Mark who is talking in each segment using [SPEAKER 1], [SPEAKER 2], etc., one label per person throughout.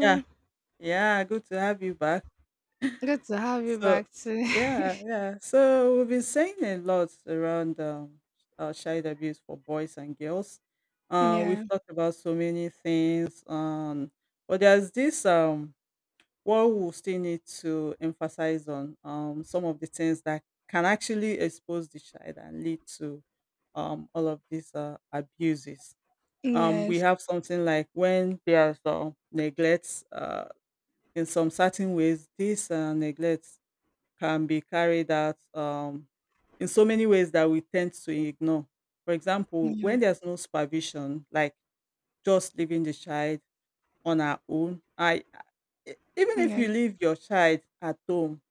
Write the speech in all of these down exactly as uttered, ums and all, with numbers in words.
[SPEAKER 1] Yeah, yeah, good to have you back.
[SPEAKER 2] Good to have you
[SPEAKER 1] So,
[SPEAKER 2] back too.
[SPEAKER 1] yeah, yeah. So we've been saying a lot around um, uh, child abuse for boys and girls. Uh,
[SPEAKER 2] Yeah.
[SPEAKER 1] we've talked about so many things, um, but there's this um, what we still need to emphasize on, um, some of the things that can actually expose the child and lead to, um, all of these uh, abuses. Um, we
[SPEAKER 2] Yes.
[SPEAKER 1] have something like when there's uh, neglects in some certain ways. This uh, neglect can be carried out um, in so many ways that we tend to ignore. For example,
[SPEAKER 2] Yeah.
[SPEAKER 1] when there's no supervision, like just leaving the child on her own. I e- even if you
[SPEAKER 2] Yes.
[SPEAKER 1] leave your child at home,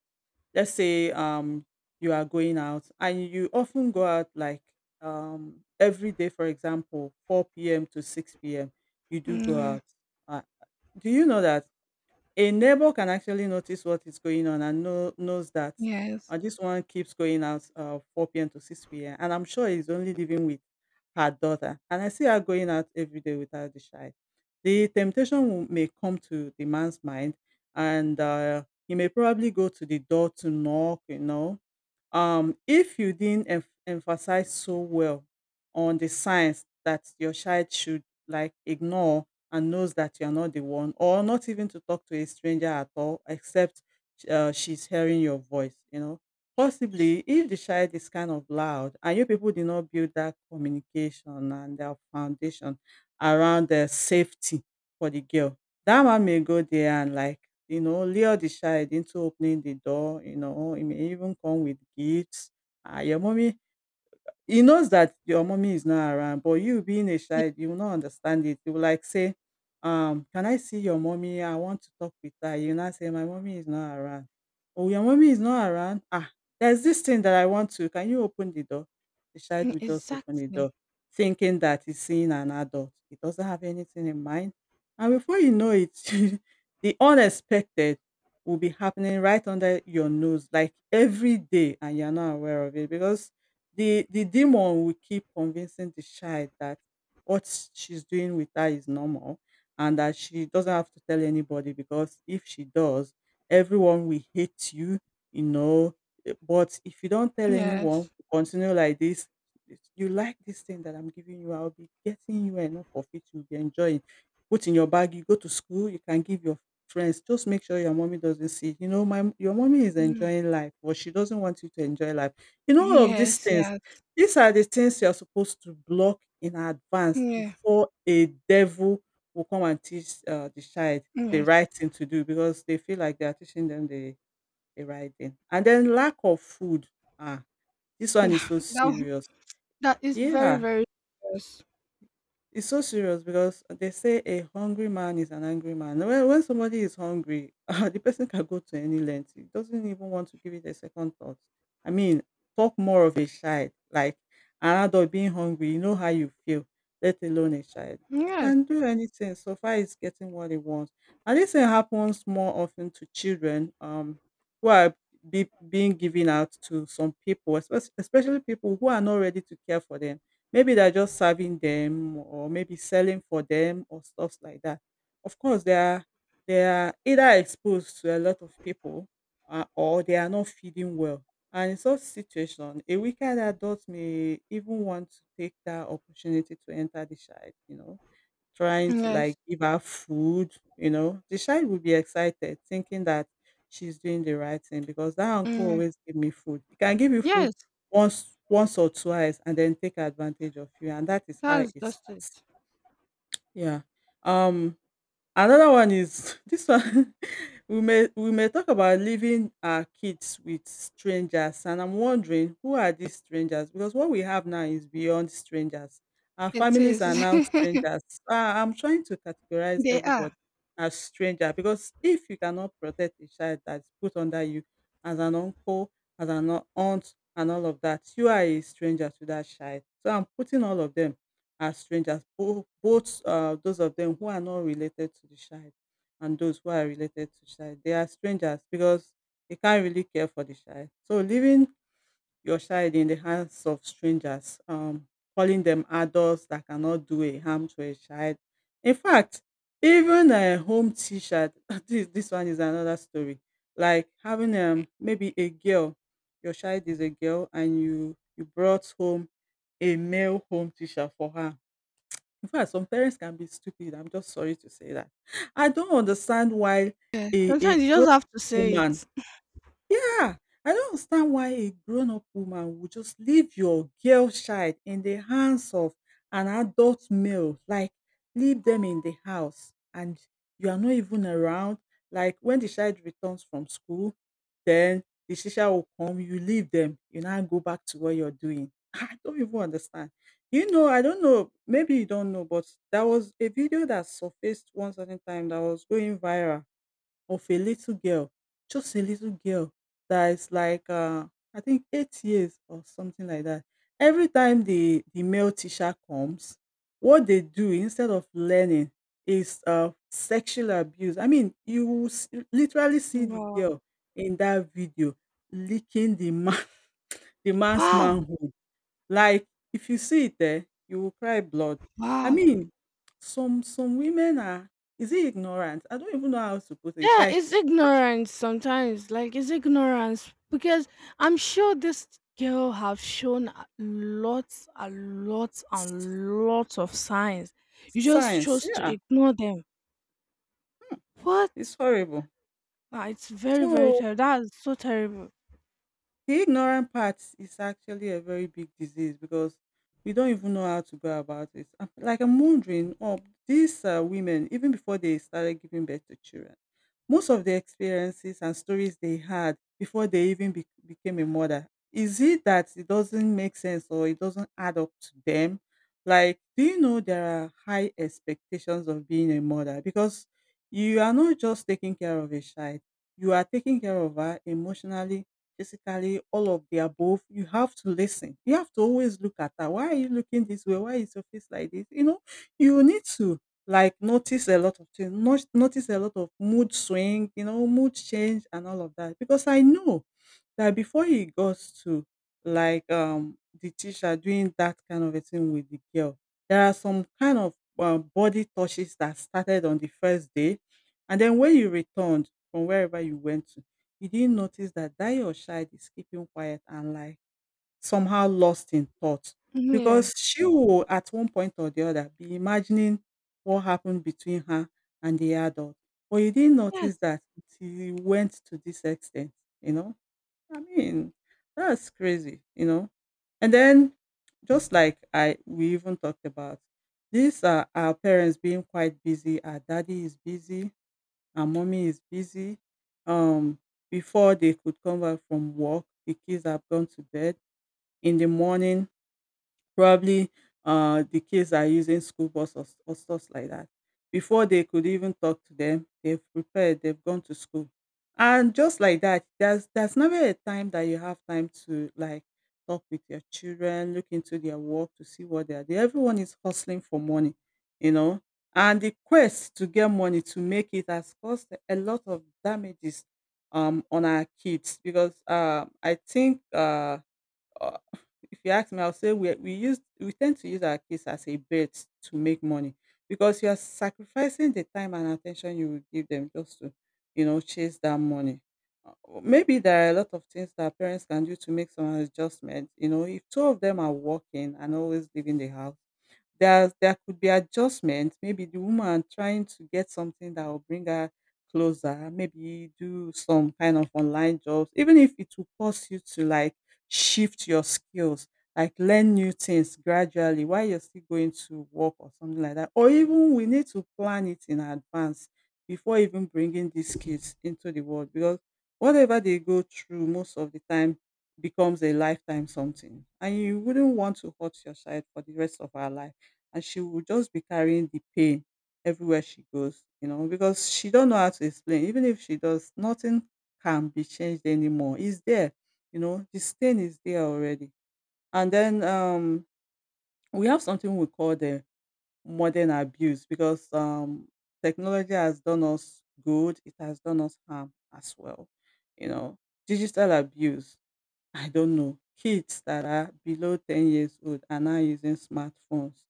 [SPEAKER 1] let's say um, you are going out and you often go out like um, every day, for example, four p m to six p m, you do go
[SPEAKER 2] Yeah.
[SPEAKER 1] out. Uh, do you know that? A neighbor can actually notice what is going on and know, knows that,
[SPEAKER 2] Yes.
[SPEAKER 1] uh, this one keeps going out, uh, four p m to six p m. And I'm sure he's only living with her daughter. And I see her going out every day without the child. The temptation will- may come to the man's mind, and uh, he may probably go to the door to knock, you know, um, if you didn't em- emphasize so well on the signs that your child should like ignore and knows that you are not the one, or not even to talk to a stranger at all, except uh, she's hearing your voice, you know, possibly if the child is kind of loud and you people did not build that communication and their foundation around the safety for the girl, that one may go there and like, you know, lure the child into opening the door. You know, it may even come with gifts. "Ah, your mommy," he knows that your mommy is not around, but you being a
[SPEAKER 2] Y-
[SPEAKER 1] child, you will not understand it. You will like say, um, "Can I see your mommy? I want to talk with her." You now say, "My mommy is not around." "Oh, your mommy is not around. Ah, there's this thing that I want to. Can you open the door?" The child
[SPEAKER 2] mm,
[SPEAKER 1] will just open the
[SPEAKER 2] exactly.
[SPEAKER 1] door, thinking that he's seeing an adult. He doesn't have anything in mind. And before you know it, the unexpected will be happening right under your nose, like every day, and you're not aware of it, because the the demon will keep convincing the child that what she's doing with her is normal, and that she doesn't have to tell anybody because if she does, everyone will hate you, you know. Eh, but if you don't tell anyone,
[SPEAKER 2] Yes.
[SPEAKER 1] you continue like this, it's- you like this thing that I'm giving you, I'll be getting you enough of it, you'll be enjoying, put in your bag, you go to school, you can give your friends, just make sure your mommy doesn't see, you know, my, your mommy is
[SPEAKER 2] Mm.
[SPEAKER 1] enjoying life but she doesn't want you to enjoy life. You know, all of these
[SPEAKER 2] Yes.
[SPEAKER 1] things,
[SPEAKER 2] Yes.
[SPEAKER 1] these are the things you are supposed to block in advance
[SPEAKER 2] Yeah.
[SPEAKER 1] before a devil will come and teach uh, the child the
[SPEAKER 2] Yes.
[SPEAKER 1] right thing to do, because they feel like they are teaching them the, the right thing. And then lack of food. Ah, this one is
[SPEAKER 2] Yeah.
[SPEAKER 1] so
[SPEAKER 2] That, one-
[SPEAKER 1] serious.
[SPEAKER 2] that is very,
[SPEAKER 1] Yeah.
[SPEAKER 2] very serious.
[SPEAKER 1] It's so serious because they say a hungry man is an angry man. When, when somebody is hungry, uh, the person can go to any length. He doesn't even want to give it a second thought. I mean, talk more of a child, like an adult being hungry. You know how you feel, let alone a child.
[SPEAKER 2] Yes.
[SPEAKER 1] Can do anything so far it's getting what he wants. And this thing happens more often to children, um, who are be, being given out to some people, especially, especially people who are not ready to care for them. Maybe they're just serving them or maybe selling for them or stuffs like that. Of course, they are they are either exposed to a lot of people, uh, or they are not feeding well. And in such situation, a weaker adult may even want to take that opportunity to enter the child, you know, trying to
[SPEAKER 2] Yes.
[SPEAKER 1] like give her food. You know, the child will be excited thinking that she's doing the right thing, because that uncle
[SPEAKER 2] Yeah.
[SPEAKER 1] always give me food. He can give you food
[SPEAKER 2] Yes.
[SPEAKER 1] once once or twice and then take advantage of you. And that is how
[SPEAKER 2] That's
[SPEAKER 1] it
[SPEAKER 2] just it.
[SPEAKER 1] starts. Yeah. Um Another one is this one, we may we may talk about leaving our kids with strangers, and I'm wondering who are these strangers, because what we have now is beyond strangers. Our
[SPEAKER 2] It
[SPEAKER 1] families
[SPEAKER 2] is.
[SPEAKER 1] are now strangers. Ah, I'm trying to categorize
[SPEAKER 2] They
[SPEAKER 1] everybody
[SPEAKER 2] are.
[SPEAKER 1] as stranger, because if you cannot protect a child that's put under you as an uncle, as an au- aunt and all of that, you are a stranger to that child. So I'm putting all of them are strangers, both, both uh, those of them who are not related to the child and those who are related to child. They are strangers because they can't really care for the child. So leaving your child in the hands of strangers, um, calling them adults that cannot do a harm to a child. In fact, even a home teacher, this, this one is another story. Like having um, maybe a girl, your child is a girl and you, you brought home a male home teacher for her. In fact, some parents can be stupid, I'm just sorry to say that. I don't understand why
[SPEAKER 2] Yeah.
[SPEAKER 1] a a
[SPEAKER 2] Sometimes you
[SPEAKER 1] grown
[SPEAKER 2] just have to say
[SPEAKER 1] woman,
[SPEAKER 2] it.
[SPEAKER 1] yeah, I don't understand why a grown up woman would just leave your girl child in the hands of an adult male, like leave them in the house and you are not even around. Like when the child returns from school, then the teacher will come, you leave them, you now go back to what you're doing. I don't even understand. You know, I don't know, maybe you don't know, but there was a video that surfaced one certain time that was going viral, of a little girl, just a little girl that is like uh, I think eight years or something like that. Every time the the male teacher comes, what they do instead of learning is uh, sexual abuse. I mean, you will s- literally see the
[SPEAKER 2] Wow.
[SPEAKER 1] girl in that video licking the man, the man's
[SPEAKER 2] Wow.
[SPEAKER 1] manhood. Like, if you see it there, you will cry blood. I
[SPEAKER 2] Wow.
[SPEAKER 1] mean, some some women are, is it ignorant? I don't even know how to put it.
[SPEAKER 2] Yeah,
[SPEAKER 1] Like,
[SPEAKER 2] it's ignorance sometimes. Like it's ignorance because I'm sure this girl have shown a- lots and lots and lots of signs. You just
[SPEAKER 1] Science,
[SPEAKER 2] chose to
[SPEAKER 1] yeah,
[SPEAKER 2] ignore them.
[SPEAKER 1] it's
[SPEAKER 2] What?
[SPEAKER 1] horrible.
[SPEAKER 2] Ah, it's very very
[SPEAKER 1] So,
[SPEAKER 2] terrible. That's so terrible.
[SPEAKER 1] the ignorant part is actually a very big disease because we don't even know how to go about it. I'm- Like I'm wondering, oh, these uh, women, even before they started giving birth to children, most of the experiences and stories they had before they even be- became a mother, is it that it doesn't make sense or it doesn't add up to them? Like, do you know there are high expectations of being a mother? Because you are not just taking care of a child, you are taking care of her emotionally, physically, all of the above. You have to listen. You have to always look at her. Why are you looking this way? Why is your face like this? You know, you need to like notice a lot of things, not notice a lot of mood swing, you know, mood change and all of that. Because I know that before he got to like um the teacher doing that kind of a thing with the girl, there are some kind of um, body touches that started on the first day, and then when you returned from wherever you went to, you didn't notice that that your child is keeping quiet and like somehow lost in thought,
[SPEAKER 2] Yeah.
[SPEAKER 1] because she will at one point or the other be imagining what happened between her and the adult, but you didn't
[SPEAKER 2] Yes.
[SPEAKER 1] notice that until you went to this extent, you know. I mean, that's crazy, you know. And then, just like I we even talked about, these are our parents being quite busy. Our daddy is busy, our mommy is busy. Um, Before they could come back from work, the kids have gone to bed. In the morning probably uh, the kids are using school bus, or, or stuff like that. Before they could even talk to them, they've prepared, they've gone to school. And just like that, there's there's never a time that you have time to like talk with your children, look into their work to see what they are doing. Everyone is hustling for money, you know. And the quest to get money to make it has caused a lot of damages um on our kids because uh, I think uh uh, if you ask me, I'll say we we use we tend to use our kids as a bait to make money because you are sacrificing the time and attention you will give them just to, you know, chase that money. Uh, Maybe there are a lot of things that parents can do to make some adjustment. You know, if two of them are working and always leaving the house, there there could be adjustment. Maybe the woman trying to get something that will bring her closer. Maybe do some kind of online jobs, even if it will cost you to like shift your skills, like learn new things gradually while you're still going to work or something like that. Or even we need to plan it in advance before even bringing these kids into the world because whatever they go through most of the time becomes a lifetime something. And you wouldn't want to hurt your child for the rest of her life. And she will just be carrying the pain everywhere she goes, you know, because she don't know how to explain. Even if she does, nothing can be changed anymore. It's there you know The stain is there already. And then um we have something we call the modern abuse because um technology has done us good, it has done us harm as well, you know. Digital abuse. I don't know. Kids that are below ten years old are now using smartphones,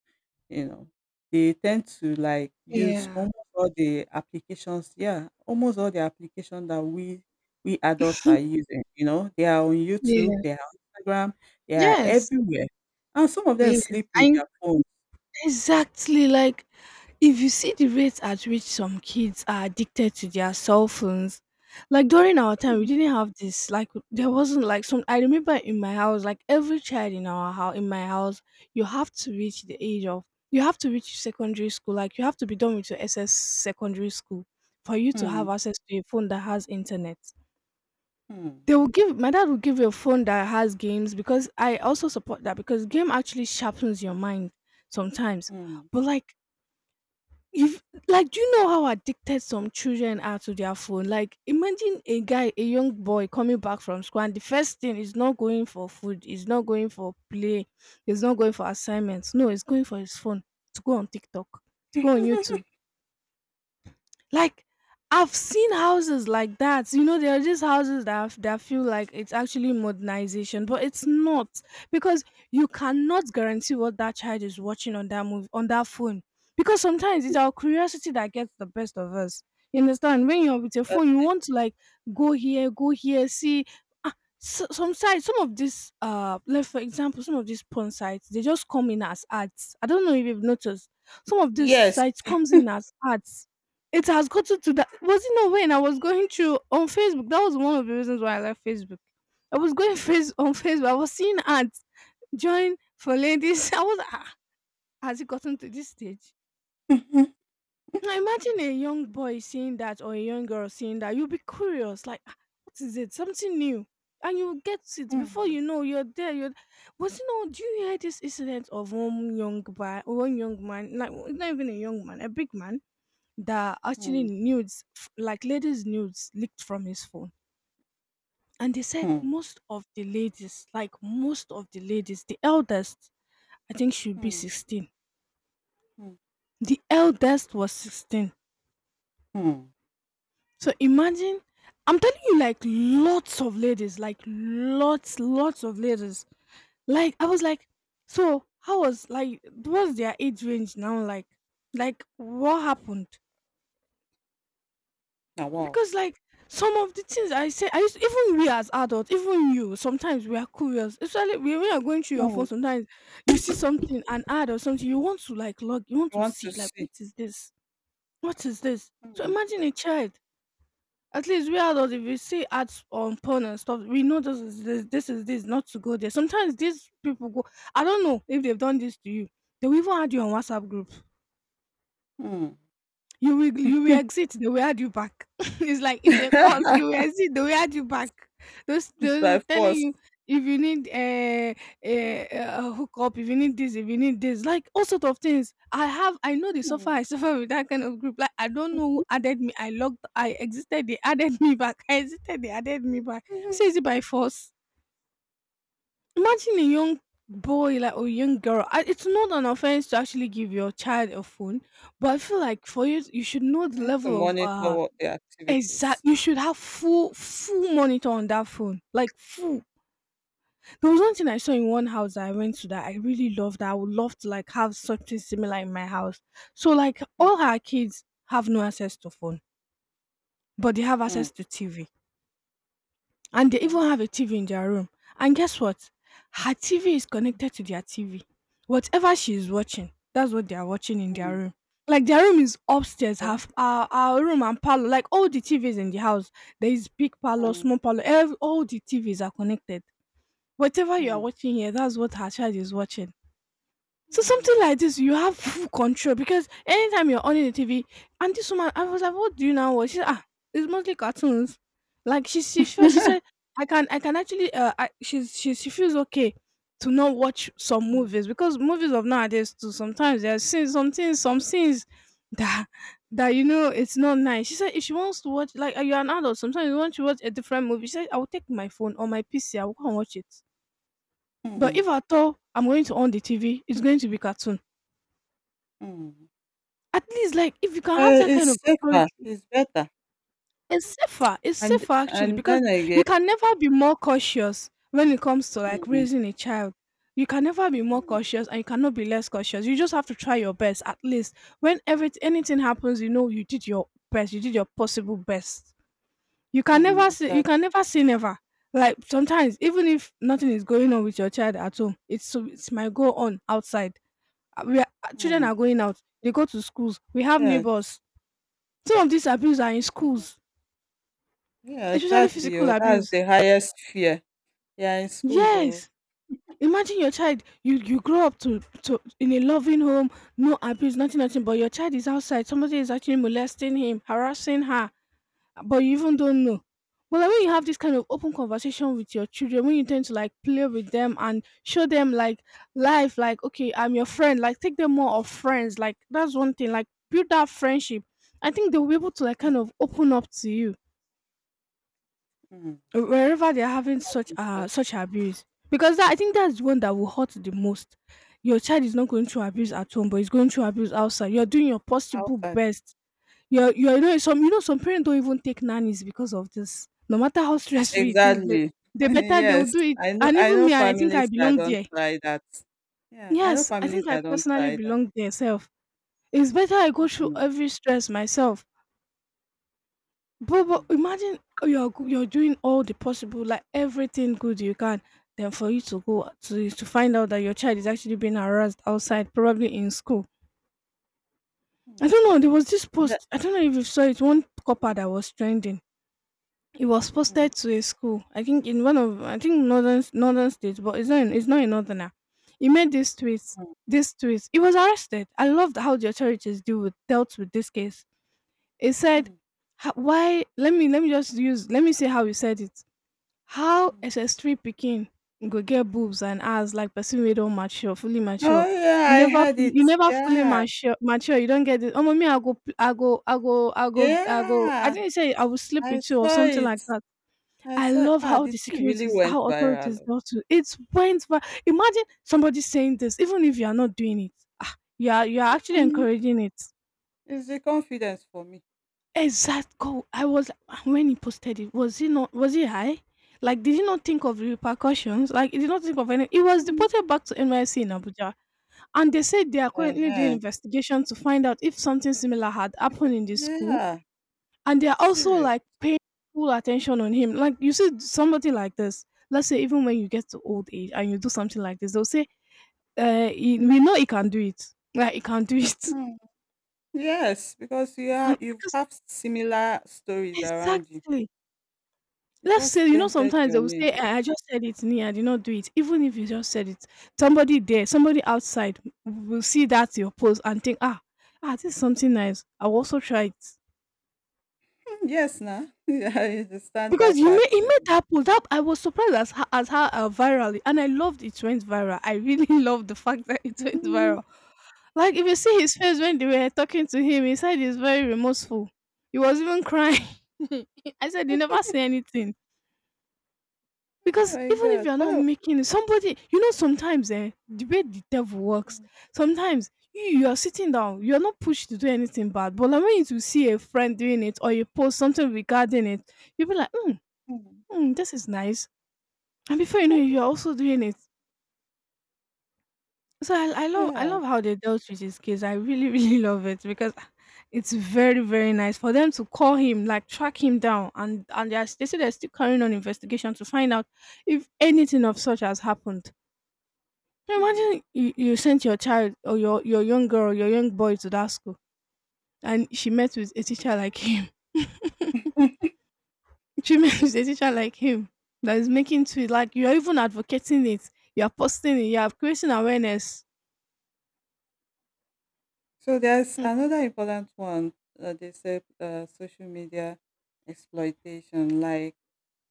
[SPEAKER 1] you know. They tend to like use
[SPEAKER 2] Yeah.
[SPEAKER 1] almost all the applications, yeah, almost all the applications that we we adults are using, you know. They are on YouTube,
[SPEAKER 2] Yeah.
[SPEAKER 1] they are on Instagram, they are
[SPEAKER 2] Yes.
[SPEAKER 1] everywhere. And some of them
[SPEAKER 2] Yes.
[SPEAKER 1] sleep with
[SPEAKER 2] I
[SPEAKER 1] their phones.
[SPEAKER 2] Exactly. Like, if you see the rates at which some kids are addicted to their cell phones, like during our time, we
[SPEAKER 1] Mm,
[SPEAKER 2] didn't have this. Like there wasn't like some. I remember in my house, like every child in our house, in my house, you have to reach the age of, you have to reach secondary school. Like you have to be done with your S S secondary school for you to
[SPEAKER 1] mm,
[SPEAKER 2] have access to a phone that has internet.
[SPEAKER 1] mm,
[SPEAKER 2] They will give, my dad will give you a phone that has games because I also support that because game actually sharpens your mind sometimes.
[SPEAKER 1] mm.
[SPEAKER 2] But like, if like, do you know how addicted some children are to their phone? Like, imagine a guy, a young boy coming back from school, and the first thing is not going for food, is not going for play, is not going for assignments. No, he's going for his phone to go on TikTok, to go on YouTube. Like, I've seen houses like that. You know, there are just houses that f- that feel like it's actually modernization, but it's not, because you cannot guarantee what that child is watching on that move on that phone. Because sometimes it's our curiosity that gets the best of us. You understand? When you're with your
[SPEAKER 1] Uh,
[SPEAKER 2] phone, you want to like go here, go here, see. Ah, so, some sites, some of these, uh, like for example, some of these porn sites, they just come in as ads. I don't know if you've noticed. Some of these
[SPEAKER 1] Yes.
[SPEAKER 2] sites comes in as ads, it has gotten to that. Was it not when I was going through on Facebook? That was one of the reasons why I left Facebook. I was going face on Facebook. I was seeing ads, join for ladies. I was ah, has it gotten to this stage? Now imagine a young boy seeing that or a young girl seeing that. You'll be curious, like, "Ah, what is it? Something new." And you get it before
[SPEAKER 1] Mhm.
[SPEAKER 2] you know you're there. You're was you know, do you hear this incident of one young boy one young man, like not even a young man, a big man that actually
[SPEAKER 1] Hmm.
[SPEAKER 2] nudes, f- like ladies' nudes, leaked from his phone. And they said
[SPEAKER 1] Hmm.
[SPEAKER 2] most of the ladies, like most of the ladies, the eldest, I think should be
[SPEAKER 1] Hmm.
[SPEAKER 2] sixteen.
[SPEAKER 1] Hmm.
[SPEAKER 2] The eldest was sixteen.
[SPEAKER 1] Hmm.
[SPEAKER 2] So imagine, I'm telling you, like lots of ladies, like lots, lots of ladies. Like, I was like, so how was, like, what's their age range now? Like, like what happened?
[SPEAKER 1] Now, wow.
[SPEAKER 2] Because like, some of the things I say, I used, even we as adults, even you, sometimes we are curious. Especially when we are going through your phone,
[SPEAKER 1] Hmm.
[SPEAKER 2] sometimes you see something, an ad or something, you want to like log, you want
[SPEAKER 1] You
[SPEAKER 2] to
[SPEAKER 1] want to
[SPEAKER 2] see, like
[SPEAKER 1] see.
[SPEAKER 2] what is this? What is this? So
[SPEAKER 1] Hmm.
[SPEAKER 2] imagine a child. At least we adults, if we see ads on porn and stuff, we know this is this, this is this, not to go there. Sometimes these people go. I don't know if they've done this to you. They will even add you on WhatsApp group.
[SPEAKER 1] Hmm.
[SPEAKER 2] You will you will exit, they will add you back. It's like it's a course. You will exit, they will add you back. Those
[SPEAKER 1] It's
[SPEAKER 2] those will
[SPEAKER 1] by
[SPEAKER 2] telling
[SPEAKER 1] force.
[SPEAKER 2] you if you need a, a, a hookup, if you need this, if you need this, like all sort of things. I have I know the suffer
[SPEAKER 1] Hmm.
[SPEAKER 2] I suffer with that kind of group. Like I don't know who added me. I logged I existed, they added me back. I existed, they added me back.
[SPEAKER 1] Hmm.
[SPEAKER 2] So is it by force? Imagine a young boy like or young girl. I, it's not an offense to actually give your child a phone, but I feel like for you, you should know the
[SPEAKER 1] I need to
[SPEAKER 2] level of
[SPEAKER 1] monitor
[SPEAKER 2] uh
[SPEAKER 1] what the
[SPEAKER 2] exact.
[SPEAKER 1] activities.
[SPEAKER 2] You should have full full monitor on that phone, like full. There was one thing I saw in one house that I went to that I really loved. That I would love to like have something similar in my house. So like
[SPEAKER 1] Mm,
[SPEAKER 2] all her kids have no access to phone, but they have
[SPEAKER 1] mm.
[SPEAKER 2] access to T V. And they
[SPEAKER 1] Okay.
[SPEAKER 2] even have a T V in their room. And guess what? Her T V is connected to their T V. Whatever she is watching, that's what they are watching in their
[SPEAKER 1] Mm,
[SPEAKER 2] room. Like their room is upstairs,
[SPEAKER 1] okay.
[SPEAKER 2] half our, our room and parlor, like all the T Vs in the house. There is big parlor, small parlor, ev- all the T Vs are connected. Whatever
[SPEAKER 1] Mm,
[SPEAKER 2] you are
[SPEAKER 1] mm,
[SPEAKER 2] watching here, that's what her child is watching. So something
[SPEAKER 1] mm.
[SPEAKER 2] like this, you have full control because anytime you're on the T V, and this woman, I was like, "What do you now watch?" She said, "Ah, it's mostly cartoons." Like she she she she said, "I can, I can actually uh I, she's she she feels okay to not watch some
[SPEAKER 1] Mm,
[SPEAKER 2] movies because movies of nowadays too sometimes there are scenes, some things, some scenes that that you know it's not nice." She said, "If she wants to watch, like you're an adult, sometimes you want to watch a different movie." She said, "I will take my phone or my P C, I will go and watch it. But if
[SPEAKER 1] mm,
[SPEAKER 2] at all I'm going to on the T V, it's going to be cartoons."
[SPEAKER 1] mm.
[SPEAKER 2] At least, like, if you can have
[SPEAKER 1] Uh,
[SPEAKER 2] that kind
[SPEAKER 1] it's
[SPEAKER 2] of
[SPEAKER 1] safer.
[SPEAKER 2] authority,
[SPEAKER 1] It's better.
[SPEAKER 2] it's safer. It's
[SPEAKER 1] And
[SPEAKER 2] safer actually
[SPEAKER 1] and
[SPEAKER 2] because
[SPEAKER 1] then
[SPEAKER 2] you
[SPEAKER 1] again,
[SPEAKER 2] can never be more cautious when it comes to like
[SPEAKER 1] mm,
[SPEAKER 2] raising a child. You can never be more
[SPEAKER 1] mm,
[SPEAKER 2] cautious and you cannot be less cautious. You just have to try your best. At least when every anything happens, you know you did your best. You did your possible best. You can never
[SPEAKER 1] mm,
[SPEAKER 2] say you
[SPEAKER 1] exactly.
[SPEAKER 2] can never say never. Like sometimes, even if nothing is going on with your child at home, it's so it might go on outside. Uh, We are, uh, children are
[SPEAKER 1] Mm,
[SPEAKER 2] going out. They go to schools. We have
[SPEAKER 1] yes.
[SPEAKER 2] neighbors, some of these abuse are in schools,
[SPEAKER 1] Yeah,
[SPEAKER 2] especially
[SPEAKER 1] exactly.
[SPEAKER 2] physical
[SPEAKER 1] Oh, that's
[SPEAKER 2] abuse.
[SPEAKER 1] the highest fear. Yeah, in school, oh.
[SPEAKER 2] Yes. Imagine your child, you you grow up to to in a loving home, no abuse, nothing, nothing, but your child is outside, somebody is actually molesting him, harassing her, but you even don't know. Well, like when you have this kind of open conversation with your children, when you tend to like play with them and show them like life, like okay, I'm your friend, like take them more of friends, like that's one thing, like build that friendship. I think they'll be able to like kind of open up to you
[SPEAKER 1] Mm,
[SPEAKER 2] wherever they're having such uh
[SPEAKER 1] but
[SPEAKER 2] such abuse, because that, I think that's the one that will hurt the most. Your child is not going through abuse at home but he's going through abuse outside, you're doing your possible
[SPEAKER 1] outside.
[SPEAKER 2] best, you're you're you know, some, you know, some parents don't even take nannies because of this, no matter how stressful it is, they,
[SPEAKER 1] Exactly.
[SPEAKER 2] they better, they will
[SPEAKER 1] Yes.
[SPEAKER 2] do it,
[SPEAKER 1] I know,
[SPEAKER 2] and
[SPEAKER 1] I
[SPEAKER 2] even
[SPEAKER 1] know
[SPEAKER 2] me, and I think I
[SPEAKER 1] families that
[SPEAKER 2] belong
[SPEAKER 1] don't
[SPEAKER 2] there.
[SPEAKER 1] try that. Yeah, I
[SPEAKER 2] Yes,
[SPEAKER 1] know
[SPEAKER 2] I
[SPEAKER 1] families
[SPEAKER 2] think I
[SPEAKER 1] that don't
[SPEAKER 2] personally
[SPEAKER 1] try that.
[SPEAKER 2] belong there self. It's better I go through
[SPEAKER 1] Mm,
[SPEAKER 2] every stress myself. But but
[SPEAKER 1] mm,
[SPEAKER 2] imagine you're go you're doing all the possible, like everything good you can, then for you to go to to find out that your child is actually being harassed outside, probably in school. I
[SPEAKER 1] mm,
[SPEAKER 2] don't know, there was this
[SPEAKER 1] yeah,
[SPEAKER 2] post, I don't know if you saw it, one copper
[SPEAKER 1] mm,
[SPEAKER 2] that was trending. It was
[SPEAKER 1] mm,
[SPEAKER 2] posted to a school, I think in one of, I think northern northern states, but it's not in, it's not a northerner. He made this tweet,
[SPEAKER 1] mm,
[SPEAKER 2] this tweet. He was arrested. I loved how the authorities deal with dealt with this case. It said,
[SPEAKER 1] mm,
[SPEAKER 2] "Ha- Why? Let me, let me just use, let me see how you said it." How
[SPEAKER 1] mm.
[SPEAKER 2] S S three pikin go get boobs and ass like person wey don mature, fully
[SPEAKER 1] Oh
[SPEAKER 2] mature.
[SPEAKER 1] yeah,
[SPEAKER 2] You
[SPEAKER 1] I
[SPEAKER 2] never,
[SPEAKER 1] heard
[SPEAKER 2] you
[SPEAKER 1] it.
[SPEAKER 2] never fully
[SPEAKER 1] Yeah.
[SPEAKER 2] mature mature, you don't get the omo, me I go pl- I go I go I go I go I
[SPEAKER 1] Yeah.
[SPEAKER 2] didn't say I will sleep
[SPEAKER 1] I
[SPEAKER 2] with you or
[SPEAKER 1] saw
[SPEAKER 2] something like
[SPEAKER 1] it.
[SPEAKER 2] that.
[SPEAKER 1] I
[SPEAKER 2] I
[SPEAKER 1] saw it.
[SPEAKER 2] love
[SPEAKER 1] Ah,
[SPEAKER 2] how
[SPEAKER 1] the
[SPEAKER 2] the
[SPEAKER 1] thing really
[SPEAKER 2] securities
[SPEAKER 1] went
[SPEAKER 2] how
[SPEAKER 1] viral.
[SPEAKER 2] authorities
[SPEAKER 1] Oh.
[SPEAKER 2] do to it went vi. Imagine somebody saying this even if you are not doing it. Ah, you are you are actually
[SPEAKER 1] Mm,
[SPEAKER 2] encouraging it.
[SPEAKER 1] it's the confidence for me.
[SPEAKER 2] Exact goal. I was when he posted it. Was he not? Was he high? Like, did he not think of the repercussions? Like, he did not think of any. He was
[SPEAKER 1] Mm.
[SPEAKER 2] deported back to N Y C in Abuja, and they said they are currently doing
[SPEAKER 1] Uh-huh.
[SPEAKER 2] investigation to find out if something similar had happened in this school,
[SPEAKER 1] Yeah,
[SPEAKER 2] and they are
[SPEAKER 1] it's
[SPEAKER 2] also
[SPEAKER 1] serious.
[SPEAKER 2] like paying full attention on him. Like, you see somebody like this. Let's say even when you get to old age and you do something like this, they'll say, uh, he- "We know he can do it. Like, he can do it."
[SPEAKER 1] Mm. Yes, because you
[SPEAKER 2] He
[SPEAKER 1] are,
[SPEAKER 2] can-
[SPEAKER 1] you
[SPEAKER 2] because
[SPEAKER 1] have similar stories around you.
[SPEAKER 2] exactly.
[SPEAKER 1] You
[SPEAKER 2] Let's say,
[SPEAKER 1] just
[SPEAKER 2] you know,
[SPEAKER 1] dented
[SPEAKER 2] sometimes they
[SPEAKER 1] your
[SPEAKER 2] will
[SPEAKER 1] nail.
[SPEAKER 2] say, "I I just said it, me, I did not do it." Even if you just said it, somebody there, somebody outside will see that your post and think, "Ah, ah, this is something nice. I will also try it."
[SPEAKER 1] Mm, yes na. I understand
[SPEAKER 2] Because
[SPEAKER 1] that
[SPEAKER 2] you
[SPEAKER 1] part
[SPEAKER 2] made it
[SPEAKER 1] very
[SPEAKER 2] made that post. That I was surprised as ho- as how uh, viral, and I loved it went viral. I really loved the fact that it went
[SPEAKER 1] well. Mhm.
[SPEAKER 2] viral. Like if you see his face when they were talking to him, he said he's very remorseful. He was even crying.
[SPEAKER 1] Mm.
[SPEAKER 2] I said, "You never say anything."
[SPEAKER 1] Oh
[SPEAKER 2] Because
[SPEAKER 1] my
[SPEAKER 2] even if
[SPEAKER 1] god.
[SPEAKER 2] you're
[SPEAKER 1] What
[SPEAKER 2] not
[SPEAKER 1] a
[SPEAKER 2] making it, somebody, you know, sometimes eh, the way the devil works,
[SPEAKER 1] mm,
[SPEAKER 2] sometimes you, you are sitting down, you're not pushed to do anything bad, but like when you see a friend doing it or you post something regarding it, you'll be like, mm,
[SPEAKER 1] mm.
[SPEAKER 2] mm, this is nice. And before you know it, you're also doing it. So I, I love I
[SPEAKER 1] Yeah.
[SPEAKER 2] love how they dealt with this case. I really, really love it because it's very, very nice for them to call him, like track him down and, and they, are, they say they're still carrying on investigation to find out if anything of such has happened. Now
[SPEAKER 1] Mm.
[SPEAKER 2] imagine you, you sent your child or your, your young girl, your young boy to that school and she met with a teacher like him. She met with a teacher like him that is making tweet like you're even advocating it. You're posting it, you're creating awareness.
[SPEAKER 1] So there's
[SPEAKER 2] Mm,
[SPEAKER 1] another important one, uh, they said, uh, social media exploitation, like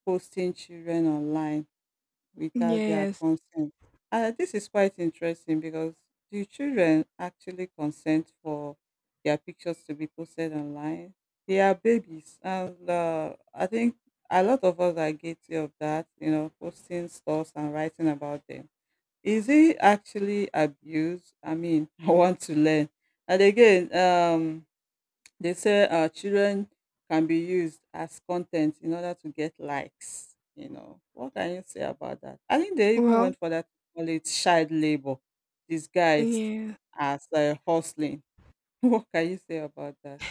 [SPEAKER 1] posting children online without their
[SPEAKER 2] yes.
[SPEAKER 1] consent. And this is quite interesting because do children actually consent for their pictures to be posted online? They are babies, and uh, I think a lot of us are guilty of that. You know, posting stuff and writing about them. Is it actually abuse? I mean, I want to learn. And again, um, they say uh, children can be used as content in order to get likes. You know, what can you say about that? I think they even
[SPEAKER 2] Well,
[SPEAKER 1] went for that to call it child labor disguised
[SPEAKER 2] yes.
[SPEAKER 1] as uh, hustling. What can you say about that?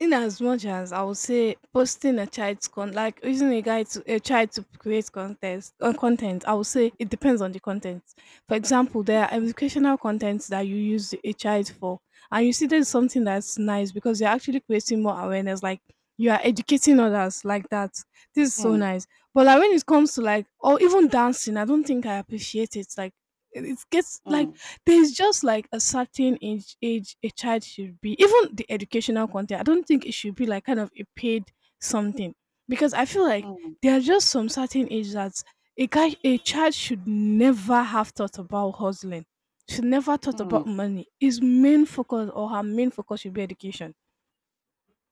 [SPEAKER 2] In as much as I would say posting a child's con like using a guy to a child to create contest on content, I would say it depends on the content. For example, there are educational contents that you use a child for, and you see there's something that's nice because you're actually creating more awareness, like you are educating others like that. This is so
[SPEAKER 1] Mm,
[SPEAKER 2] nice. But like when it comes to like or even dancing, I don't think I appreciate it. Like it it gets like
[SPEAKER 1] mm,
[SPEAKER 2] there's just like a certain age age a child should be. Even the educational content, I don't think it should be like kind of a paid something because I feel like
[SPEAKER 1] mm,
[SPEAKER 2] there are just some certain age that a guy a child should never have thought about hustling. Should never thought
[SPEAKER 1] mm,
[SPEAKER 2] about money. His main focus or her main focus should be education.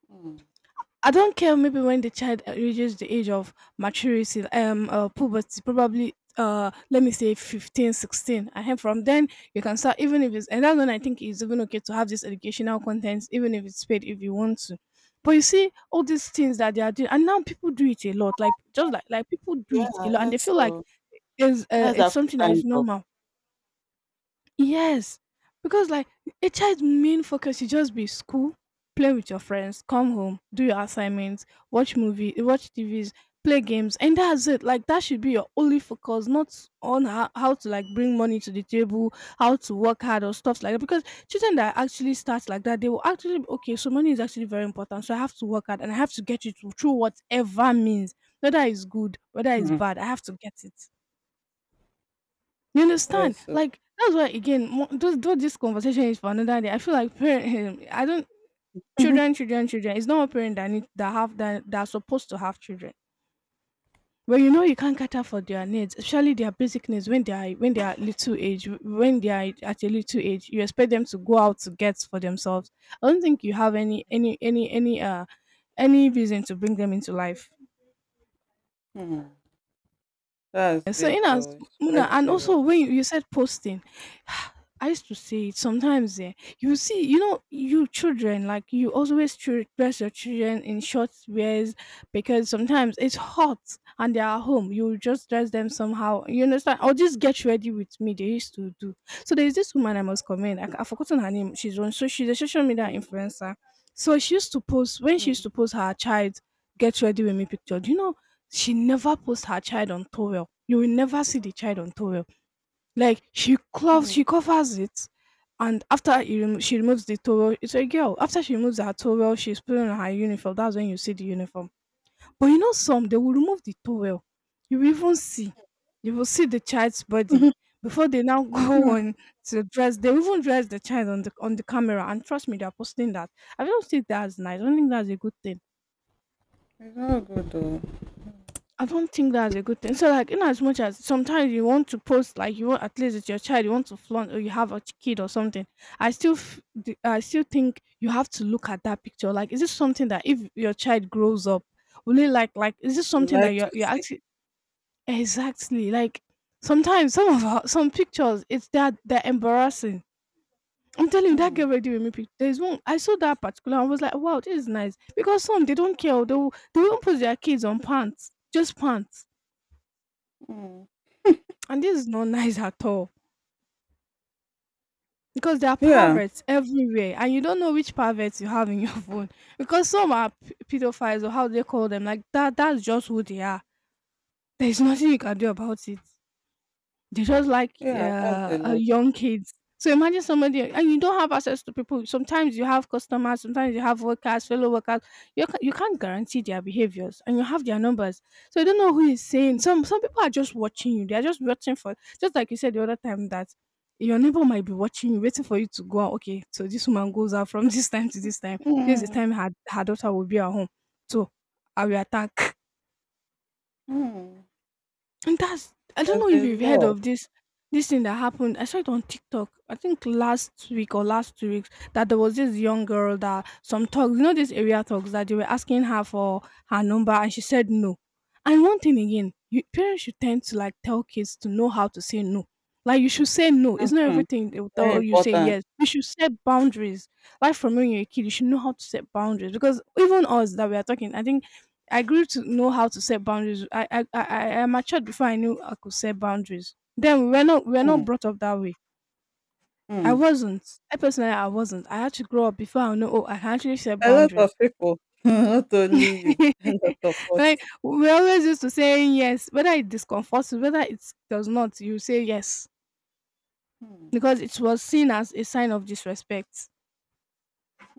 [SPEAKER 1] mm.
[SPEAKER 2] I don't care. Maybe when the child uh, reaches the age of maturity, um, uh, puberty, probably, uh, let me say fifteen, sixteen. I have from then you can start, even if it's, and that's when I think it's even okay to have this educational content, even if it's paid, if you want to. But you see all these things that they are doing, and now people do it a lot. Like just like like people do it a
[SPEAKER 1] Yeah,
[SPEAKER 2] lot, and they
[SPEAKER 1] yes.
[SPEAKER 2] feel like
[SPEAKER 1] So
[SPEAKER 2] there's uh,
[SPEAKER 1] that's
[SPEAKER 2] it's
[SPEAKER 1] a full
[SPEAKER 2] something that
[SPEAKER 1] time
[SPEAKER 2] is
[SPEAKER 1] job.
[SPEAKER 2] normal. Yes, because like a child's main focus should just be school, play with your friends, come home, do your assignments, watch movie, watch T Vs, play games, and that's it. Like that should be your only focus, not on how, how to like bring money to the table, how to work hard or stuff like that. Because children that actually start like that, they will actually be, okay. So money is actually very important. So I have to work hard and I have to get it through whatever means, whether it's good, whether it's
[SPEAKER 1] Mm.
[SPEAKER 2] bad. I have to get it. You understand?
[SPEAKER 1] Yes, so
[SPEAKER 2] Like that's why again, mo- though, though this conversation is for another day. I feel like parent, I don't children, children, children. It's not a parent that need that have that that are supposed to have children. But you know you can't cater for their needs, especially their basic needs when they are when they are little age, when they are at a little age, you expect them to go out to get for themselves. I don't think you have any any any any uh any reason to bring them into life.
[SPEAKER 1] mm, that's
[SPEAKER 2] So
[SPEAKER 1] it.
[SPEAKER 2] in as
[SPEAKER 1] Though it's
[SPEAKER 2] Muna,
[SPEAKER 1] quite
[SPEAKER 2] and
[SPEAKER 1] serious.
[SPEAKER 2] also when you, you said posting, I used to say it sometimes. Eh, you see, you know, you children like you always chil- dress your children in short wears because sometimes it's hot and they are home. You just dress them somehow. You understand? Or just get ready with me. They used to do. So there is this woman I must comment. I, I've forgotten her name. She's on. So she's a social media
[SPEAKER 1] Mm,
[SPEAKER 2] influencer. So she used to post when she used
[SPEAKER 1] mm,
[SPEAKER 2] to post her child get ready with me picture. Do you know she never puts her child on towel. You will never see the child on towel. Like she cloths,
[SPEAKER 1] mm,
[SPEAKER 2] she covers it, and after you remo- she removes the towel, it's a girl. After she removes her towel, she's putting on her uniform. That's when you see the uniform. But you know some, they will remove the towel. You will even see, you will see the child's body before they now go
[SPEAKER 1] mm.
[SPEAKER 2] on to dress. They even dress the child on the on the camera, and trust me, they are posting that. I don't think that's nice. I don't think that's a good thing.
[SPEAKER 1] It's not good though.
[SPEAKER 2] I don't think that's a good thing. So, like, in as much as sometimes you want to post, like, you want at least it's your child, you want to flaunt, or you have a ch- kid or something. I still, f- d- I still think you have to look at that picture. Like, is this something that if your child grows up, will he like, like, is this
[SPEAKER 1] I would
[SPEAKER 2] something that
[SPEAKER 1] like
[SPEAKER 2] you're,
[SPEAKER 1] to
[SPEAKER 2] you're actually exactly like? Sometimes some of our, some pictures, it's that they're embarrassing. I'm telling you, that girl
[SPEAKER 1] mm,
[SPEAKER 2] ready with me. Pic- there's one I saw that particular. I was like, wow, this is nice because some they don't care. They will, they won't post their kids on pants, just pants.
[SPEAKER 1] mm.
[SPEAKER 2] And this is not nice at all because there are
[SPEAKER 1] Yeah,
[SPEAKER 2] perverts everywhere, and you don't know which perverts you have in your phone because some are p- pedophiles or how they call them like that. That's just who they are. There is nothing you can do about it. They're just like,
[SPEAKER 1] yeah, that's
[SPEAKER 2] uh,
[SPEAKER 1] a
[SPEAKER 2] uh,
[SPEAKER 1] lot.
[SPEAKER 2] young kids. So imagine somebody and you don't have access to people. Sometimes you have customers, sometimes you have workers, fellow workers. You ca- you can't guarantee their behaviors, and you have their numbers, so you don't know who is saying. Some some people are just watching you. They are just watching for, just like you said the other time that your neighbor might be watching you, waiting for you to go out. Okay, so this woman goes out from this time to this time. This is the
[SPEAKER 1] Mhm,
[SPEAKER 2] time her her daughter will be at home. So I will attack.
[SPEAKER 1] mm,
[SPEAKER 2] And that's I don't
[SPEAKER 1] that's
[SPEAKER 2] know if
[SPEAKER 1] a
[SPEAKER 2] you've heard
[SPEAKER 1] lot.
[SPEAKER 2] of this this thing that happened. I saw it on TikTok. I think last week or last two weeks that there was this young girl that some thugs, you know, this area thugs, that they were asking her for her number and she said no. And one thing again, you, parents should tend to like tell kids to know how to say no. Like you should say no. It's not
[SPEAKER 1] Mhm,
[SPEAKER 2] everything they will
[SPEAKER 1] very
[SPEAKER 2] tell you say
[SPEAKER 1] important.
[SPEAKER 2] yes. You should set boundaries. Like from when you're a kid, you should know how to set boundaries because even us that we are talking, I think I grew to know how to set boundaries. I I I, I matured before I knew I could set boundaries. Then we were not we were not
[SPEAKER 1] Mm,
[SPEAKER 2] brought up that way. I
[SPEAKER 1] mm.
[SPEAKER 2] wasn't. I personally I wasn't. I had to grow up before I know oh I can actually set
[SPEAKER 1] A lot of
[SPEAKER 2] boundaries.
[SPEAKER 1] people, not only you, a lot of us.
[SPEAKER 2] Like we always used to saying yes, whether it discomforts you, whether it does not, you say yes.
[SPEAKER 1] Mm,
[SPEAKER 2] Because it was seen as a sign of disrespect.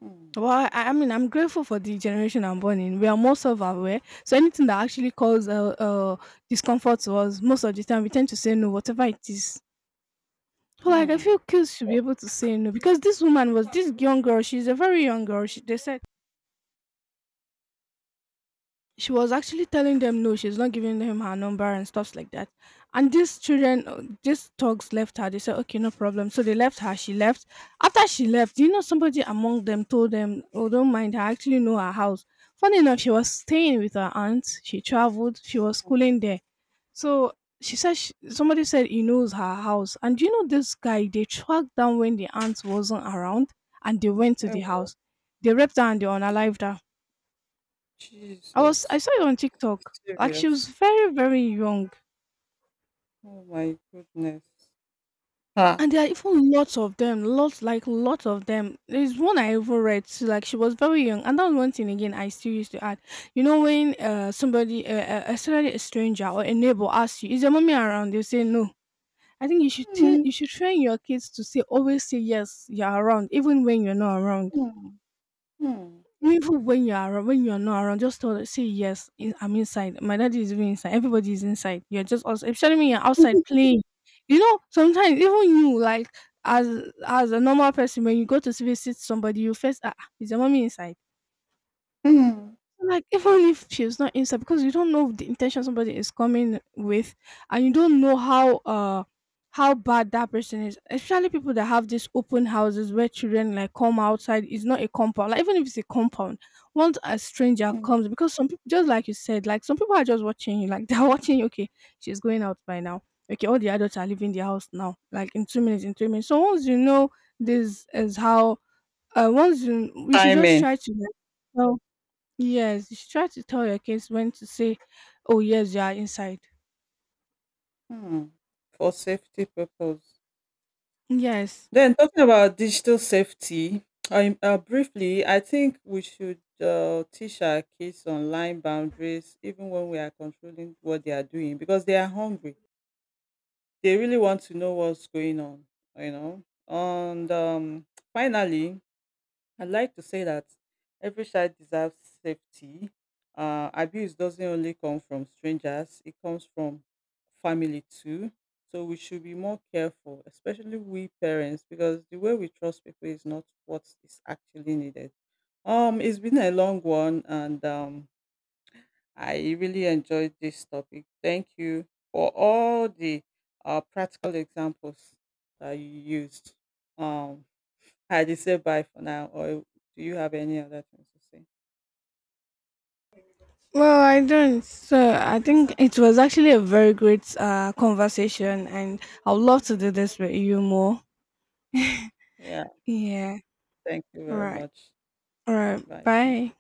[SPEAKER 1] mm,
[SPEAKER 2] Well, I, I mean, I'm grateful for the generation I'm born in. We are more self-aware, so anything that actually causes uh, uh, discomfort to us, most of the time, we tend to say no, whatever it is. So, like, I
[SPEAKER 1] mm.
[SPEAKER 2] feel kids should be able to say no because this woman was this young girl. She's a very young girl. She, they said she was actually telling them no, she's not giving them her number and stuffs like that. And these children, uh, these thugs left her. They said, okay, no problem. So they left her. She left. After she left, you know, somebody among them told them, oh, don't mind her. I actually know her house. Funny enough, she was staying with her aunt. She traveled. She was schooling there. So she said, she, somebody said he knows her house. And do you know this guy? They tracked down when the aunt wasn't around and they went to the
[SPEAKER 1] Ewo,
[SPEAKER 2] house. They raped her and they unalived her. I was I
[SPEAKER 1] Jesus,
[SPEAKER 2] saw it on TikTok. Like she was
[SPEAKER 1] serious.
[SPEAKER 2] very, very young.
[SPEAKER 1] Oh my goodness. Ah.
[SPEAKER 2] And there are even lots of them. Lots like lots of them. There's one I even read. So, like she was very young. And that was one thing again I still used to add. You know when uh somebody uh, uh, especially a stranger or a neighbor asks you, is your mommy around? You say no. I think you should t-
[SPEAKER 1] Mm,
[SPEAKER 2] you should train your kids to say always say yes, you're around, even when you're not around.
[SPEAKER 1] mm, mm,
[SPEAKER 2] Even when you are when you are not around, just tell say yes. In- I'm inside. My daddy is even inside. Everybody is inside. You're just also, especially when you're outside playing. You know, sometimes even you like as as a normal person when you go to visit somebody, you first ah ah, is your mommy inside?
[SPEAKER 1] mm,
[SPEAKER 2] Like even if she was not inside, because you don't know the intention somebody is coming with, and you don't know how uh how bad that person is. Especially people that have these open houses where children like come outside. It's not a compound. Like even if it's a compound, once a stranger
[SPEAKER 1] mm.
[SPEAKER 2] comes, because some people, just like you said, like some people are just watching you. Like they're watching. You, okay, she's going out by now. Okay, all the adults are leaving the house now. Like in two minutes, in three minutes. So once you know this is how, uh, once you, we should just
[SPEAKER 1] Timing.
[SPEAKER 2] try to like, tell. Yes, you should try to tell your kids when to say, "Oh yes, you are inside."
[SPEAKER 1] Mm. For safety purpose.
[SPEAKER 2] Yes.
[SPEAKER 1] Then talking about digital safety, I, uh, briefly, I think we should uh, teach our kids online boundaries, even when we are controlling what they are doing, because they are hungry. They really want to know what's going on, you know. And um, finally, I'd like to say that every child deserves safety. Uh, abuse doesn't only come from strangers, it comes from family too. So we should be more careful, especially we parents, because the way we trust people is not what is actually needed. Um, it's been a long one, and um, I really enjoyed this topic. Thank you for all the uh, practical examples that you used. Um, I just say bye for now, or do you have any other things to say?
[SPEAKER 2] Well, I don't. So I think it was actually a very great uh, conversation, and I would love to do this with you more.
[SPEAKER 1] Yeah,
[SPEAKER 2] Yeah.
[SPEAKER 1] thank you
[SPEAKER 2] All
[SPEAKER 1] very
[SPEAKER 2] right.
[SPEAKER 1] much.
[SPEAKER 2] All right.
[SPEAKER 1] Bye for now.
[SPEAKER 2] Bye.